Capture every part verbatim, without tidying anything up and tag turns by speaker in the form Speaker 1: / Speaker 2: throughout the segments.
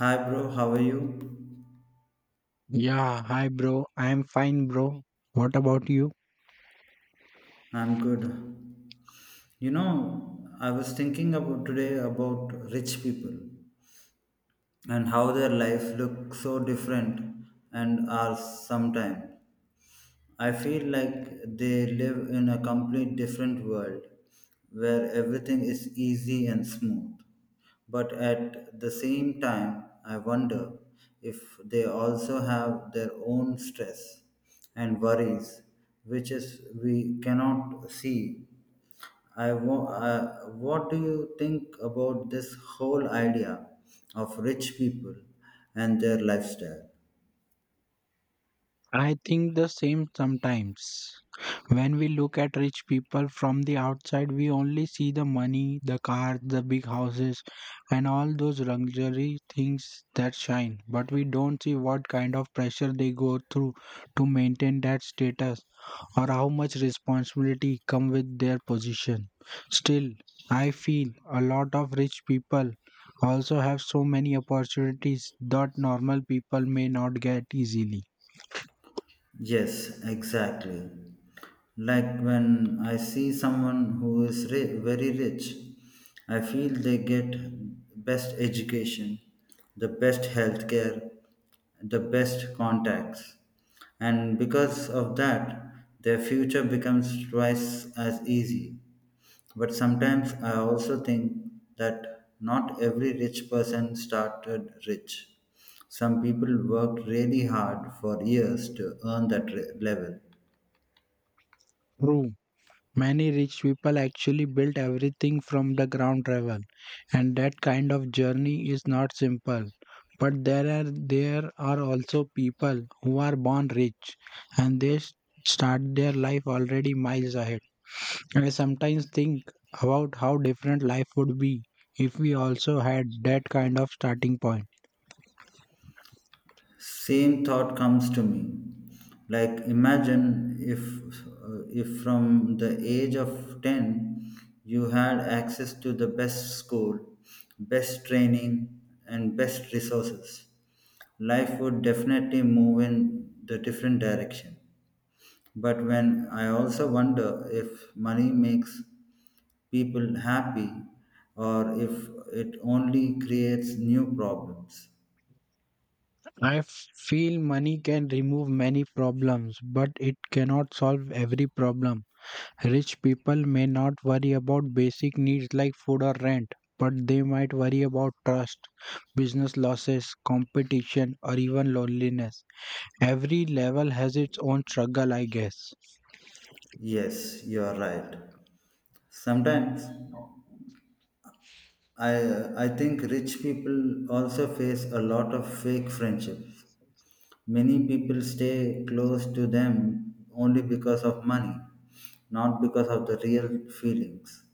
Speaker 1: Hi, bro. How are you?
Speaker 2: Yeah, hi bro. I am fine, bro. What about you?
Speaker 1: I'm good. You know, I was thinking about today about rich people and how their life look so different and are sometimes. I feel like they live in a complete different world where everything is easy and smooth. But at the same time, I wonder if they also have their own stress and worries, which is we cannot see. I wa- uh, what do you think about this whole idea of rich people and their lifestyle?
Speaker 2: I think the same sometimes. When we look at rich people from the outside, we only see the money, the cars, the big houses, and all those luxury things that shine. But we don't see what kind of pressure they go through to maintain that status. Or how much responsibility come with their position. Still, I feel a lot of rich people also have so many opportunities that normal people may not get easily.
Speaker 1: Yes, exactly. Like when I see someone who is ri- very rich, I feel they get best education, the best healthcare, the best contacts. And because of that, their future becomes twice as easy. But sometimes I also think that not every rich person started rich. Some people worked really hard for years to earn that re- level.
Speaker 2: True. Many rich people actually built everything from the ground level, and that kind of journey is not simple. But there are there are also people who are born rich and they s- start their life already miles ahead. I sometimes think about how different life would be if we also had that kind of starting point.
Speaker 1: Same thought comes to me, like imagine if uh, if from the age of ten, you had access to the best school, best training, and best resources. Life would definitely move in the different direction, but when I also wonder if money makes people happy or if it only creates new problems.
Speaker 2: I f- feel money can remove many problems, but it cannot solve every problem. Rich people may not worry about basic needs like food or rent, but they might worry about trust, business losses, competition, or even loneliness. Every level has its own struggle, I guess.
Speaker 1: Yes, you are right. Sometimes I I think rich people also face a lot of fake friendships. Many people stay close to them only because of money, not because of the real feelings.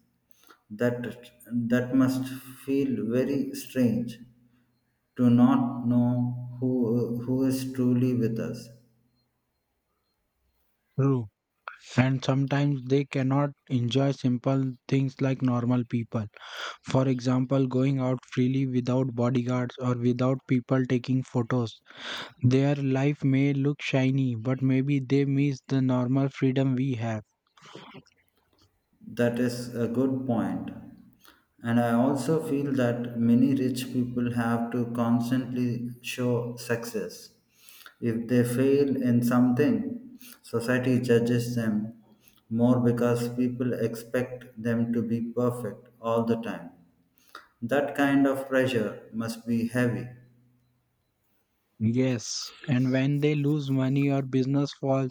Speaker 1: That that must feel very strange, to not know who who is truly with us.
Speaker 2: True. And sometimes they cannot enjoy simple things like normal people. For example, going out freely without bodyguards or without people taking photos. Their life may look shiny, but maybe they miss the normal freedom we have.
Speaker 1: That is a good point. And I also feel that many rich people have to constantly show success. If they fail in something, society judges them more because people expect them to be perfect all the time. That kind of pressure must be heavy.
Speaker 2: Yes, and when they lose money or business falls,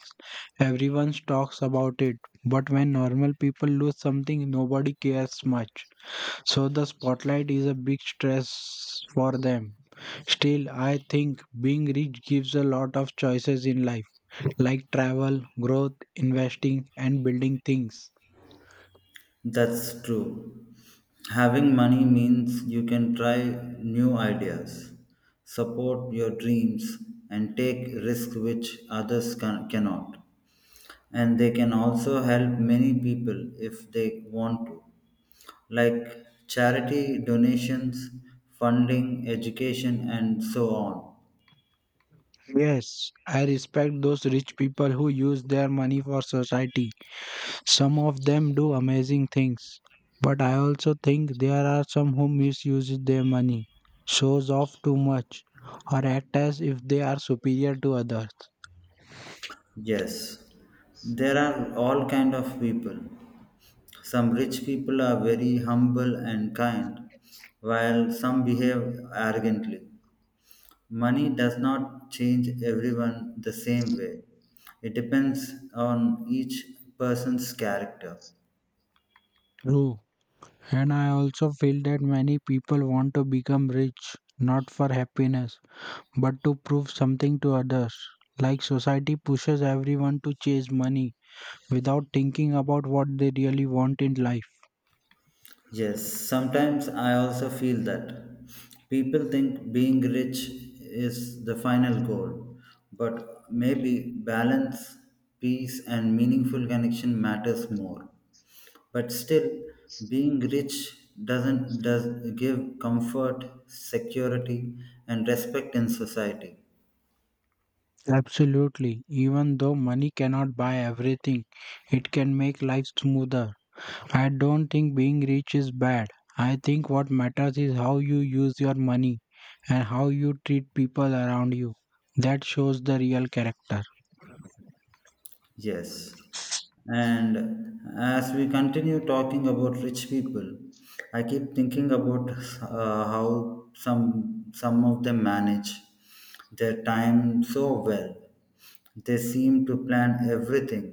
Speaker 2: everyone talks about it. But when normal people lose something, nobody cares much. So the spotlight is a big stress for them. Still, I think being rich gives a lot of choices in life, like travel, growth, investing, and building things.
Speaker 1: That's true. Having money means you can try new ideas, support your dreams, and take risks which others can- cannot. And they can also help many people if they want to, like charity donations, funding, education, and so on.
Speaker 2: Yes, I respect those rich people who use their money for society. Some of them do amazing things, but I also think there are some who misuse their money, shows off too much, or act as if they are superior to others.
Speaker 1: Yes, there are all kind of people. Some rich people are very humble and kind, while some behave arrogantly. Money does not change everyone the same way. It depends on each person's character.
Speaker 2: True, and I also feel that many people want to become rich not for happiness but to prove something to others. Like society pushes everyone to chase money without thinking about what they really want in life.
Speaker 1: Yes, sometimes I also feel that people think being rich is the final goal, but maybe balance, peace, and meaningful connection matters more. But still, being rich doesn't does give comfort, security, and respect in society.
Speaker 2: Absolutely. Even though money cannot buy everything, it can make life smoother. I don't think being rich is bad. I think what matters is how you use your money and how you treat people around you. That shows the real character.
Speaker 1: Yes. And as we continue talking about rich people, I keep thinking about uh, how some some of them manage their time so well. They seem to plan everything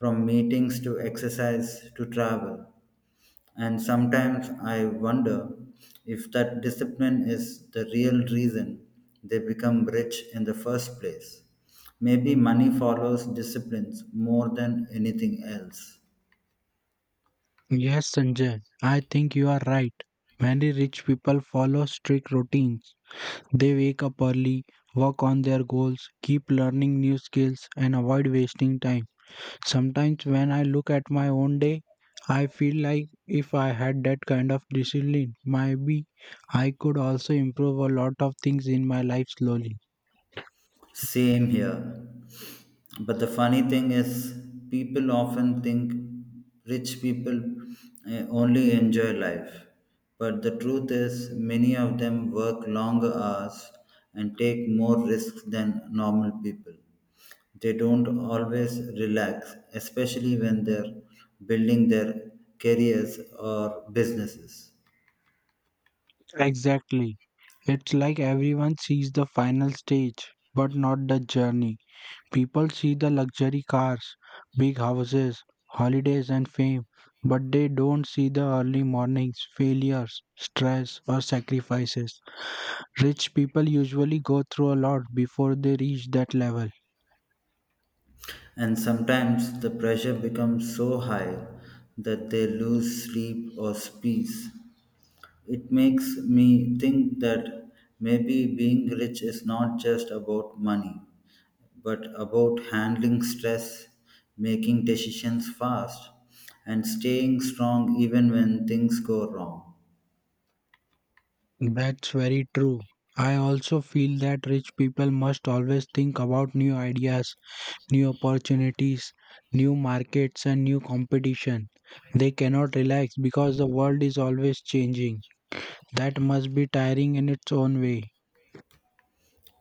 Speaker 1: from meetings to exercise to travel. And sometimes I wonder if that discipline is the real reason they become rich in the first place. Maybe money follows disciplines more than anything else.
Speaker 2: Yes, Sanjay, I think you are right. Many rich people follow strict routines. They wake up early, work on their goals, keep learning new skills, and avoid wasting time. Sometimes when I look at my own day, I feel like if I had that kind of discipline, maybe I could also improve a lot of things in my life slowly.
Speaker 1: Same here. But the funny thing is, people often think rich people eh, only enjoy life. But the truth is, many of them work longer hours and take more risks than normal people. They don't always relax, especially when they're building their careers or businesses.
Speaker 2: Exactly. It's like everyone sees the final stage, but not the journey. People see the luxury cars, big houses, holidays, and fame, but they don't see the early mornings, failures, stress, or sacrifices. Rich people usually go through a lot before they reach that level.
Speaker 1: And sometimes the pressure becomes so high that they lose sleep or peace. It makes me think that maybe being rich is not just about money, but about handling stress, making decisions fast, and staying strong even when things go wrong.
Speaker 2: That's very true. I also feel that rich people must always think about new ideas, new opportunities, new markets, and new competition. They cannot relax because the world is always changing. That must be tiring in its own way.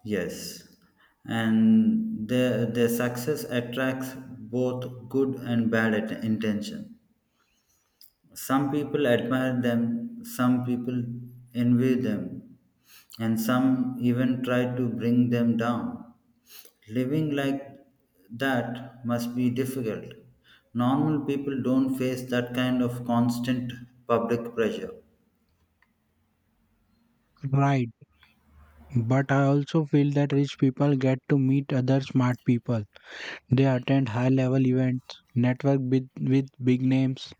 Speaker 1: Yes, and their, their success attracts both good and bad at- intention. Some people admire them, some people envy them, and some even try to bring them down. Living like that must be difficult. Normal people don't face that kind of constant public pressure.
Speaker 2: Right. But I also feel that rich people get to meet other smart people. They attend high level events, network with, with big names,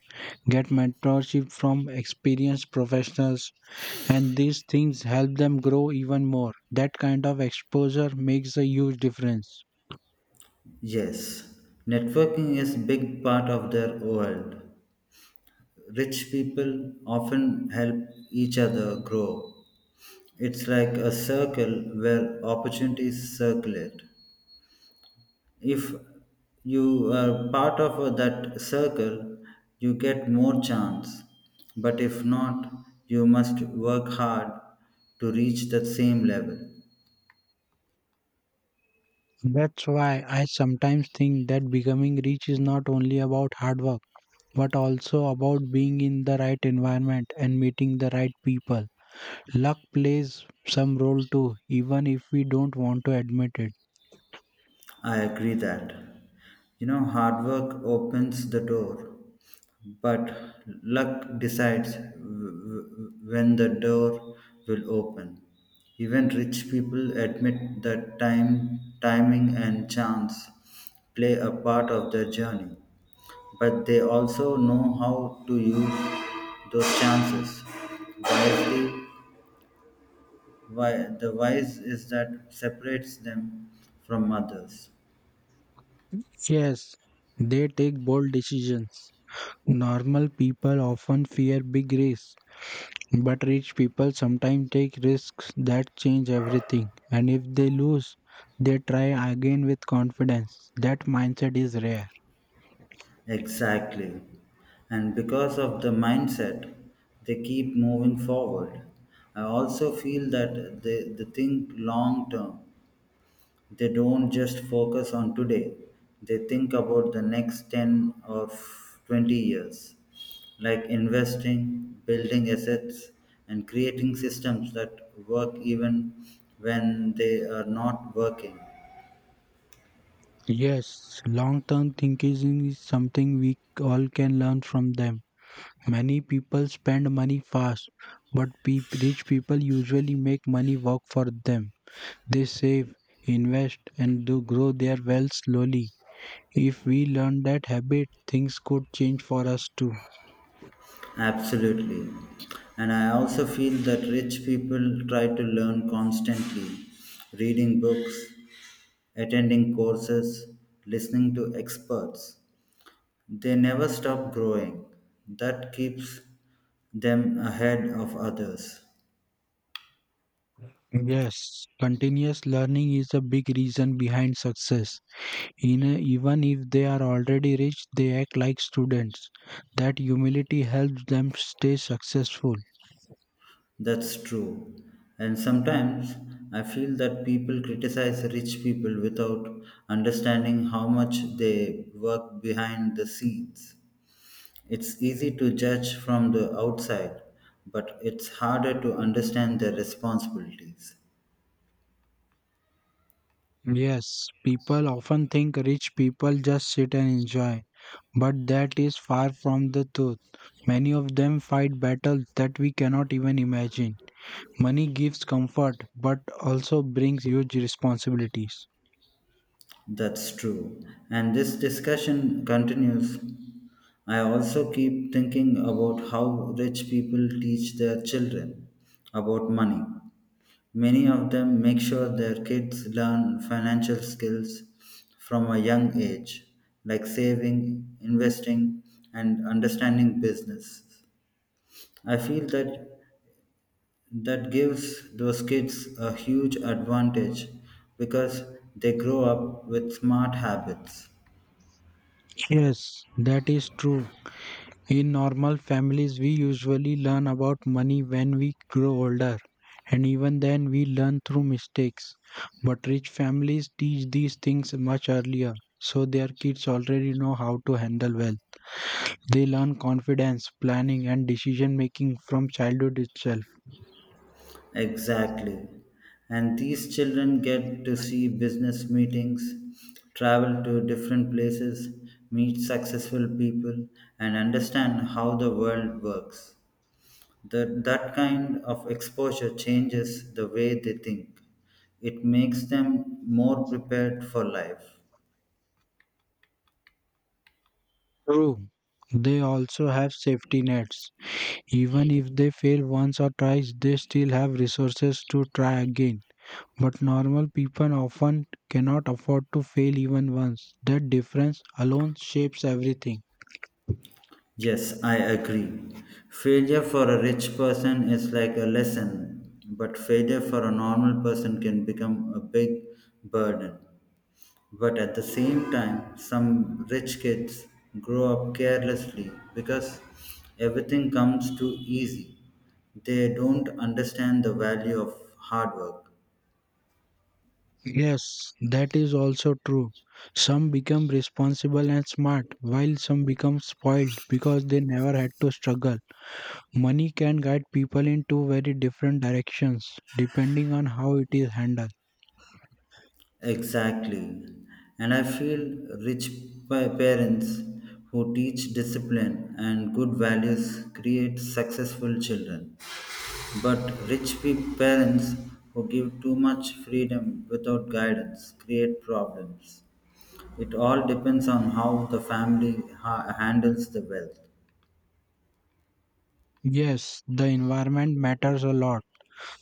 Speaker 2: get mentorship from experienced professionals, and these things help them grow even more. That kind of exposure makes a huge difference.
Speaker 1: Yes, networking is a big part of their world. Rich people often help each other grow. It's like a circle where opportunities circulate. If you are part of that circle, you get more chance, but if not, you must work hard to reach that same level.
Speaker 2: That's why I sometimes think that becoming rich is not only about hard work, but also about being in the right environment and meeting the right people. Luck plays some role too, even if we don't want to admit it.
Speaker 1: I agree that, you know, hard work opens the door, but luck decides w- w- when the door will open. Even rich people admit that time timing and chance play a part of their journey, but they also know how to use those chances wisely. Why, the wise is that separates them from others.
Speaker 2: Yes, they take bold decisions. Normal people often fear big risks, but rich people sometimes take risks that change everything. And if they lose, they try again with confidence. That mindset is rare.
Speaker 1: Exactly. And because of the mindset, they keep moving forward. I also feel that they, they think long term. They don't just focus on today, they think about the next ten or twenty years, like investing, building assets, and creating systems that work even when they are not working.
Speaker 2: Yes, long term thinking is something we all can learn from them. Many people spend money fast, but peop- rich people usually make money work for them. They save, invest, and do grow their wealth slowly. If we learn that habit, things could change for us too.
Speaker 1: Absolutely. And I also feel that rich people try to learn constantly, reading books, attending courses, listening to experts. They never stop growing. That keeps them ahead of others.
Speaker 2: Yes, continuous learning is a big reason behind success. In a- even if they are already rich, they act like students. That humility helps them stay successful.
Speaker 1: That's true. And sometimes I feel that people criticize rich people without understanding how much they work behind the scenes. It's easy to judge from the outside, but it's harder to understand their responsibilities.
Speaker 2: Yes, people often think rich people just sit and enjoy, but that is far from the truth. Many of them fight battles that we cannot even imagine. Money gives comfort, but also brings huge responsibilities.
Speaker 1: That's true. And this discussion continues. I also keep thinking about how rich people teach their children about money. Many of them make sure their kids learn financial skills from a young age, like saving, investing, and understanding business. I feel that that gives those kids a huge advantage because they grow up with smart habits.
Speaker 2: Yes, that is true. In normal families, we usually learn about money when we grow older, and even then, we learn through mistakes. But rich families teach these things much earlier, so their kids already know how to handle wealth. They learn confidence, planning, and decision making from childhood itself.
Speaker 1: Exactly. And these children get to see business meetings, travel to different places, meet successful people, and understand how the world works. That, that kind of exposure changes the way they think. It makes them more prepared for life.
Speaker 2: True. They also have safety nets. Even if they fail once or twice, they still have resources to try again. But normal people often cannot afford to fail even once. That difference alone shapes everything.
Speaker 1: Yes, I agree. Failure for a rich person is like a lesson, but failure for a normal person can become a big burden. But at the same time, some rich kids grow up carelessly because everything comes too easy. They don't understand the value of hard work.
Speaker 2: Yes, that is also true. Some become responsible and smart, while some become spoiled because they never had to struggle. Money can guide people in two very different directions depending on how it is handled.
Speaker 1: Exactly. And I feel rich pa- parents who teach discipline and good values create successful children. But rich pe- parents who give too much freedom without guidance create problems. It all depends on how the family ha- handles the wealth.
Speaker 2: Yes, the environment matters a lot.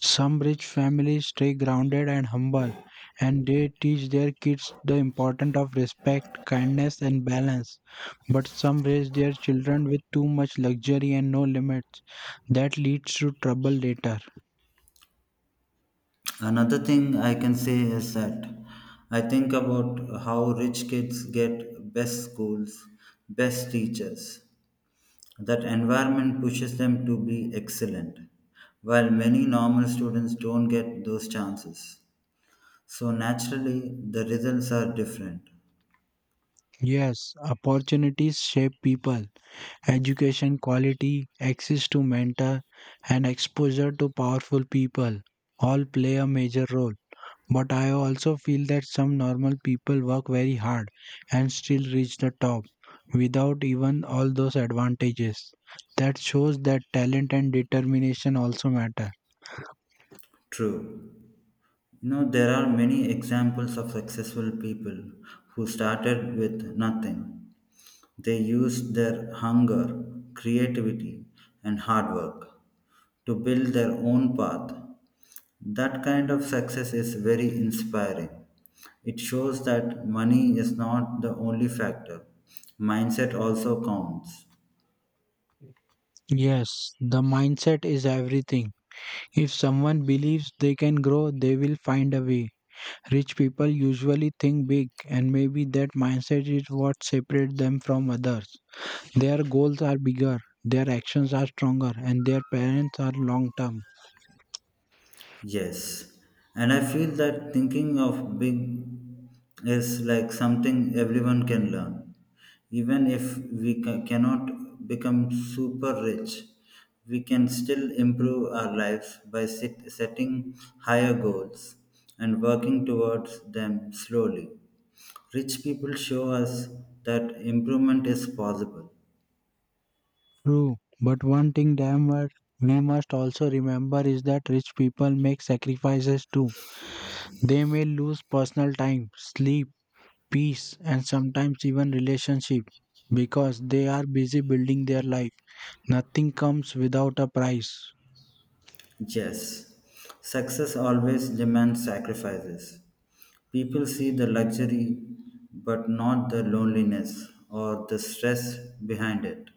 Speaker 2: Some rich families stay grounded and humble, and they teach their kids the importance of respect, kindness, and balance. But some raise their children with too much luxury and no limits. That leads to trouble later.
Speaker 1: Another thing I can say is that I think about how rich kids get best schools, best teachers. That environment pushes them to be excellent, while many normal students don't get those chances. So naturally, the results are different.
Speaker 2: Yes, opportunities shape people. Education quality, access to mentor, and exposure to powerful people all play a major role. But I also feel that some normal people work very hard and still reach the top without even all those advantages. That shows that talent and determination also matter.
Speaker 1: True. You know, there are many examples of successful people who started with nothing. They used their hunger, creativity, and hard work to build their own path. That kind of success is very inspiring. It shows that money is not the only factor, mindset also counts.
Speaker 2: Yes, the mindset is everything. If someone believes they can grow, they will find a way. Rich people usually think big, and maybe that mindset is what separates them from others. Their goals are bigger, their actions are stronger, and their parents are long term.
Speaker 1: Yes, and I feel that thinking of big is like something everyone can learn. Even if we ca- cannot become super rich, we can still improve our lives by set- setting higher goals and working towards them slowly. Rich people show us that improvement is possible.
Speaker 2: True, but one thing damn well we must also remember is that rich people make sacrifices too. They may lose personal time, sleep, peace, and sometimes even relationship because they are busy building their life. Nothing comes without a price.
Speaker 1: Yes, success always demands sacrifices. People see the luxury but not the loneliness or the stress behind it.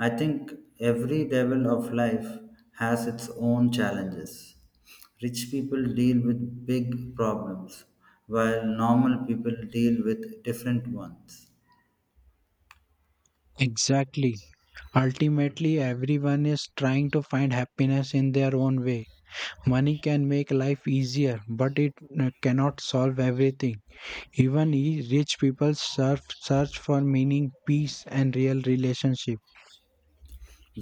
Speaker 1: I think every level of life has its own challenges. Rich people deal with big problems, while normal people deal with different ones.
Speaker 2: Exactly. Ultimately, everyone is trying to find happiness in their own way. Money can make life easier, but it uh, cannot solve everything. Even i- rich people search search for meaning, peace, and real relationship.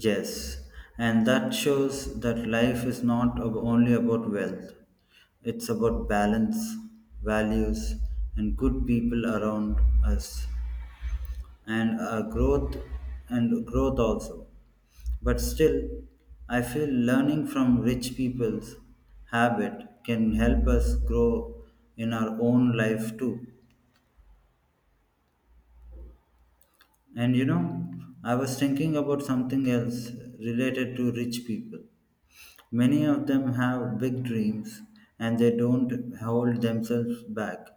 Speaker 1: Yes, and that shows that life is not ab- only about wealth, it's about balance, values, and good people around us, and uh, growth and growth also. But still, I feel learning from rich people's habit can help us grow in our own life too. And you know, I was thinking about something else related to rich people. Many of them have big dreams and they don't hold themselves back.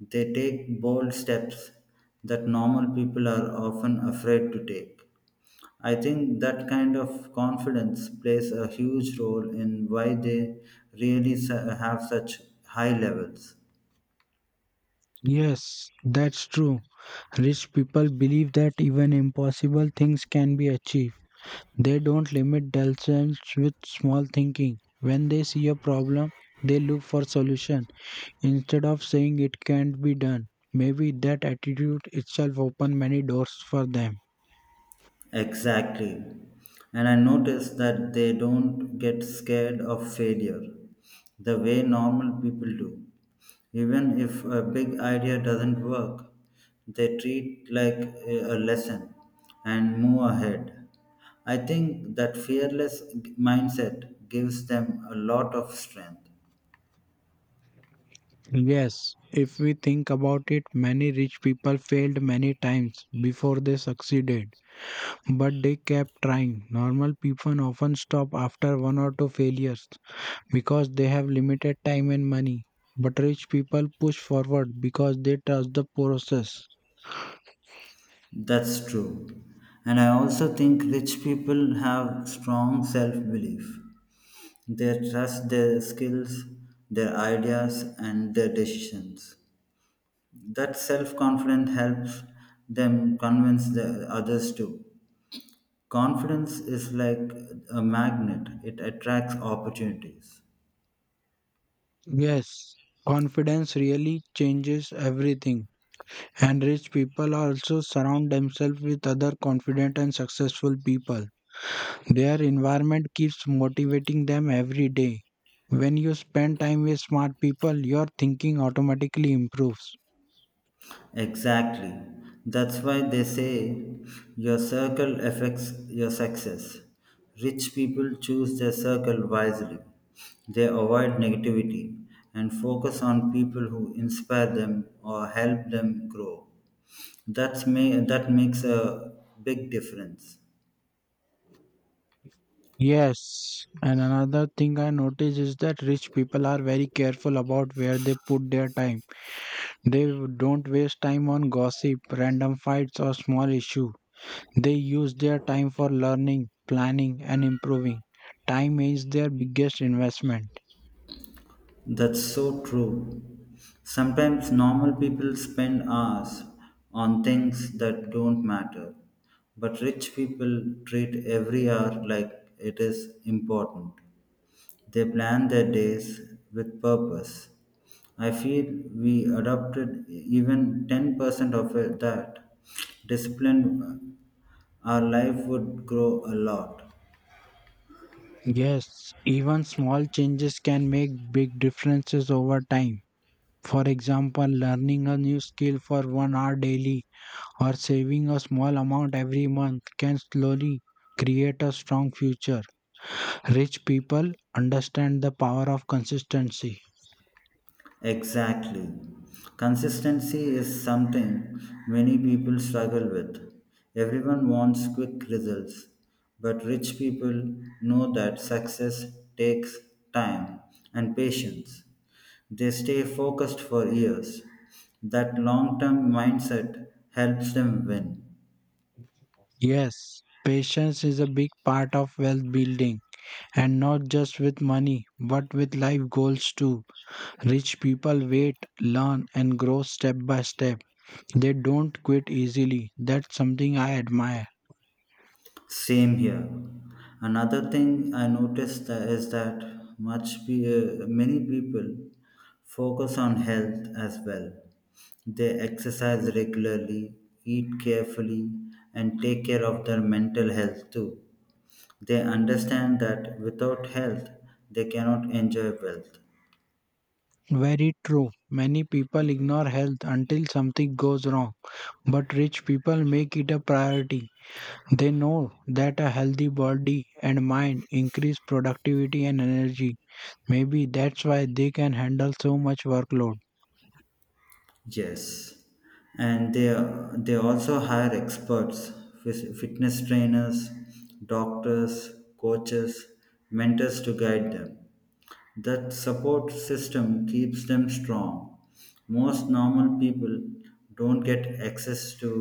Speaker 1: They take bold steps that normal people are often afraid to take. I think that kind of confidence plays a huge role in why they really su- have such high levels.
Speaker 2: Yes, that's true. Rich people believe that even impossible things can be achieved. They don't limit themselves with small thinking. When they see a problem, they look for solution instead of saying it can't be done. Maybe that attitude itself opened many doors for them.
Speaker 1: Exactly. And I noticed that they don't get scared of failure the way normal people do. Even if a big idea doesn't work, they treat like a a lesson and move ahead. I think that fearless g- mindset gives them a lot of strength.
Speaker 2: Yes, if we think about it, many rich people failed many times before they succeeded. But they kept trying. Normal people often stop after one or two failures because they have limited time and money. But rich people push forward because they trust the process.
Speaker 1: That's true. And I also think rich people have strong self belief. They trust their skills, their ideas, and their decisions. That self confidence helps them convince the others too. Confidence is like a magnet, it attracts opportunities.
Speaker 2: Yes, confidence really changes everything. And rich people also surround themselves with other confident and successful people. Their environment keeps motivating them every day. When you spend time with smart people, your thinking automatically improves.
Speaker 1: Exactly. That's why they say your circle affects your success. Rich people choose their circle wisely. They avoid negativity and focus on people who inspire them or help them grow. That's may, that makes a big difference.
Speaker 2: Yes, and another thing I notice is that rich people are very careful about where they put their time. They don't waste time on gossip, random fights, or small issues. They use their time for learning, planning, and improving. Time is their biggest investment.
Speaker 1: That's so true. Sometimes normal people spend hours on things that don't matter, but rich people treat every hour like it is important. They plan their days with purpose. I feel we adopted even ten percent of it that discipline, uh, our life would grow a lot.
Speaker 2: Yes, even small changes can make big differences over time. For example, learning a new skill for one hour daily or saving a small amount every month can slowly create a strong future. Rich people understand the power of consistency.
Speaker 1: Exactly. Consistency is something many people struggle with. Everyone wants quick results, but rich people know that success takes time and patience. They stay focused for years. That long term mindset helps them win.
Speaker 2: Yes, patience is a big part of wealth building, and not just with money, but with life goals too. Rich people wait, learn, and grow step by step. They don't quit easily. That's something I admire.
Speaker 1: Same here. Another thing I noticed tha- is that much pe- uh, many people focus on health as well. They exercise regularly, eat carefully, and take care of their mental health too. They understand that without health, they cannot enjoy wealth.
Speaker 2: Very true. Many people ignore health until something goes wrong, but rich people make it a priority. They know that a healthy body and mind increase productivity and energy. Maybe that's why they can handle so much workload.
Speaker 1: Yes, and they they also hire experts, phys- fitness trainers, doctors, coaches, mentors to guide them. That support system keeps them strong. Most normal people don't get access to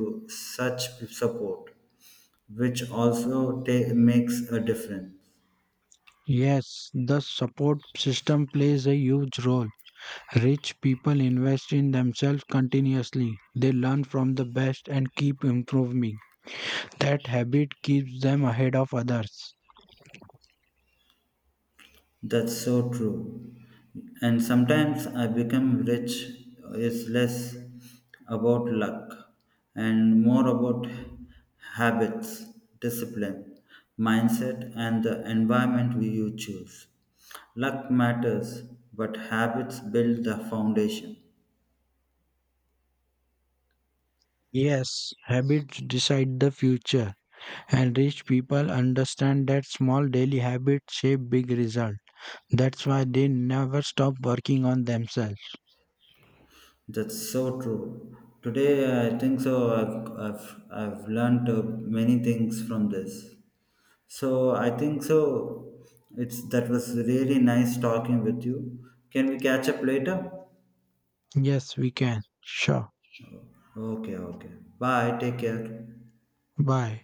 Speaker 1: such support, which also ta- makes a difference.
Speaker 2: Yes, the support system plays a huge role. Rich people invest in themselves continuously. They learn from the best and keep improving. That habit keeps them ahead of others.
Speaker 1: That's so true. And sometimes I become rich is less about luck and more about habits, discipline, mindset, and the environment we you choose. Luck matters, but habits build the foundation.
Speaker 2: Yes, habits decide the future, and rich people understand that small daily habits shape big results. That's why they never stop working on themselves.
Speaker 1: That's so true. Today, I think so. I've, I've, I've learned uh, many things from this. So I think so. It's that was really nice talking with you. Can we catch up later?
Speaker 2: Yes, we can. Sure.
Speaker 1: Okay, okay. Bye. Take care.
Speaker 2: Bye.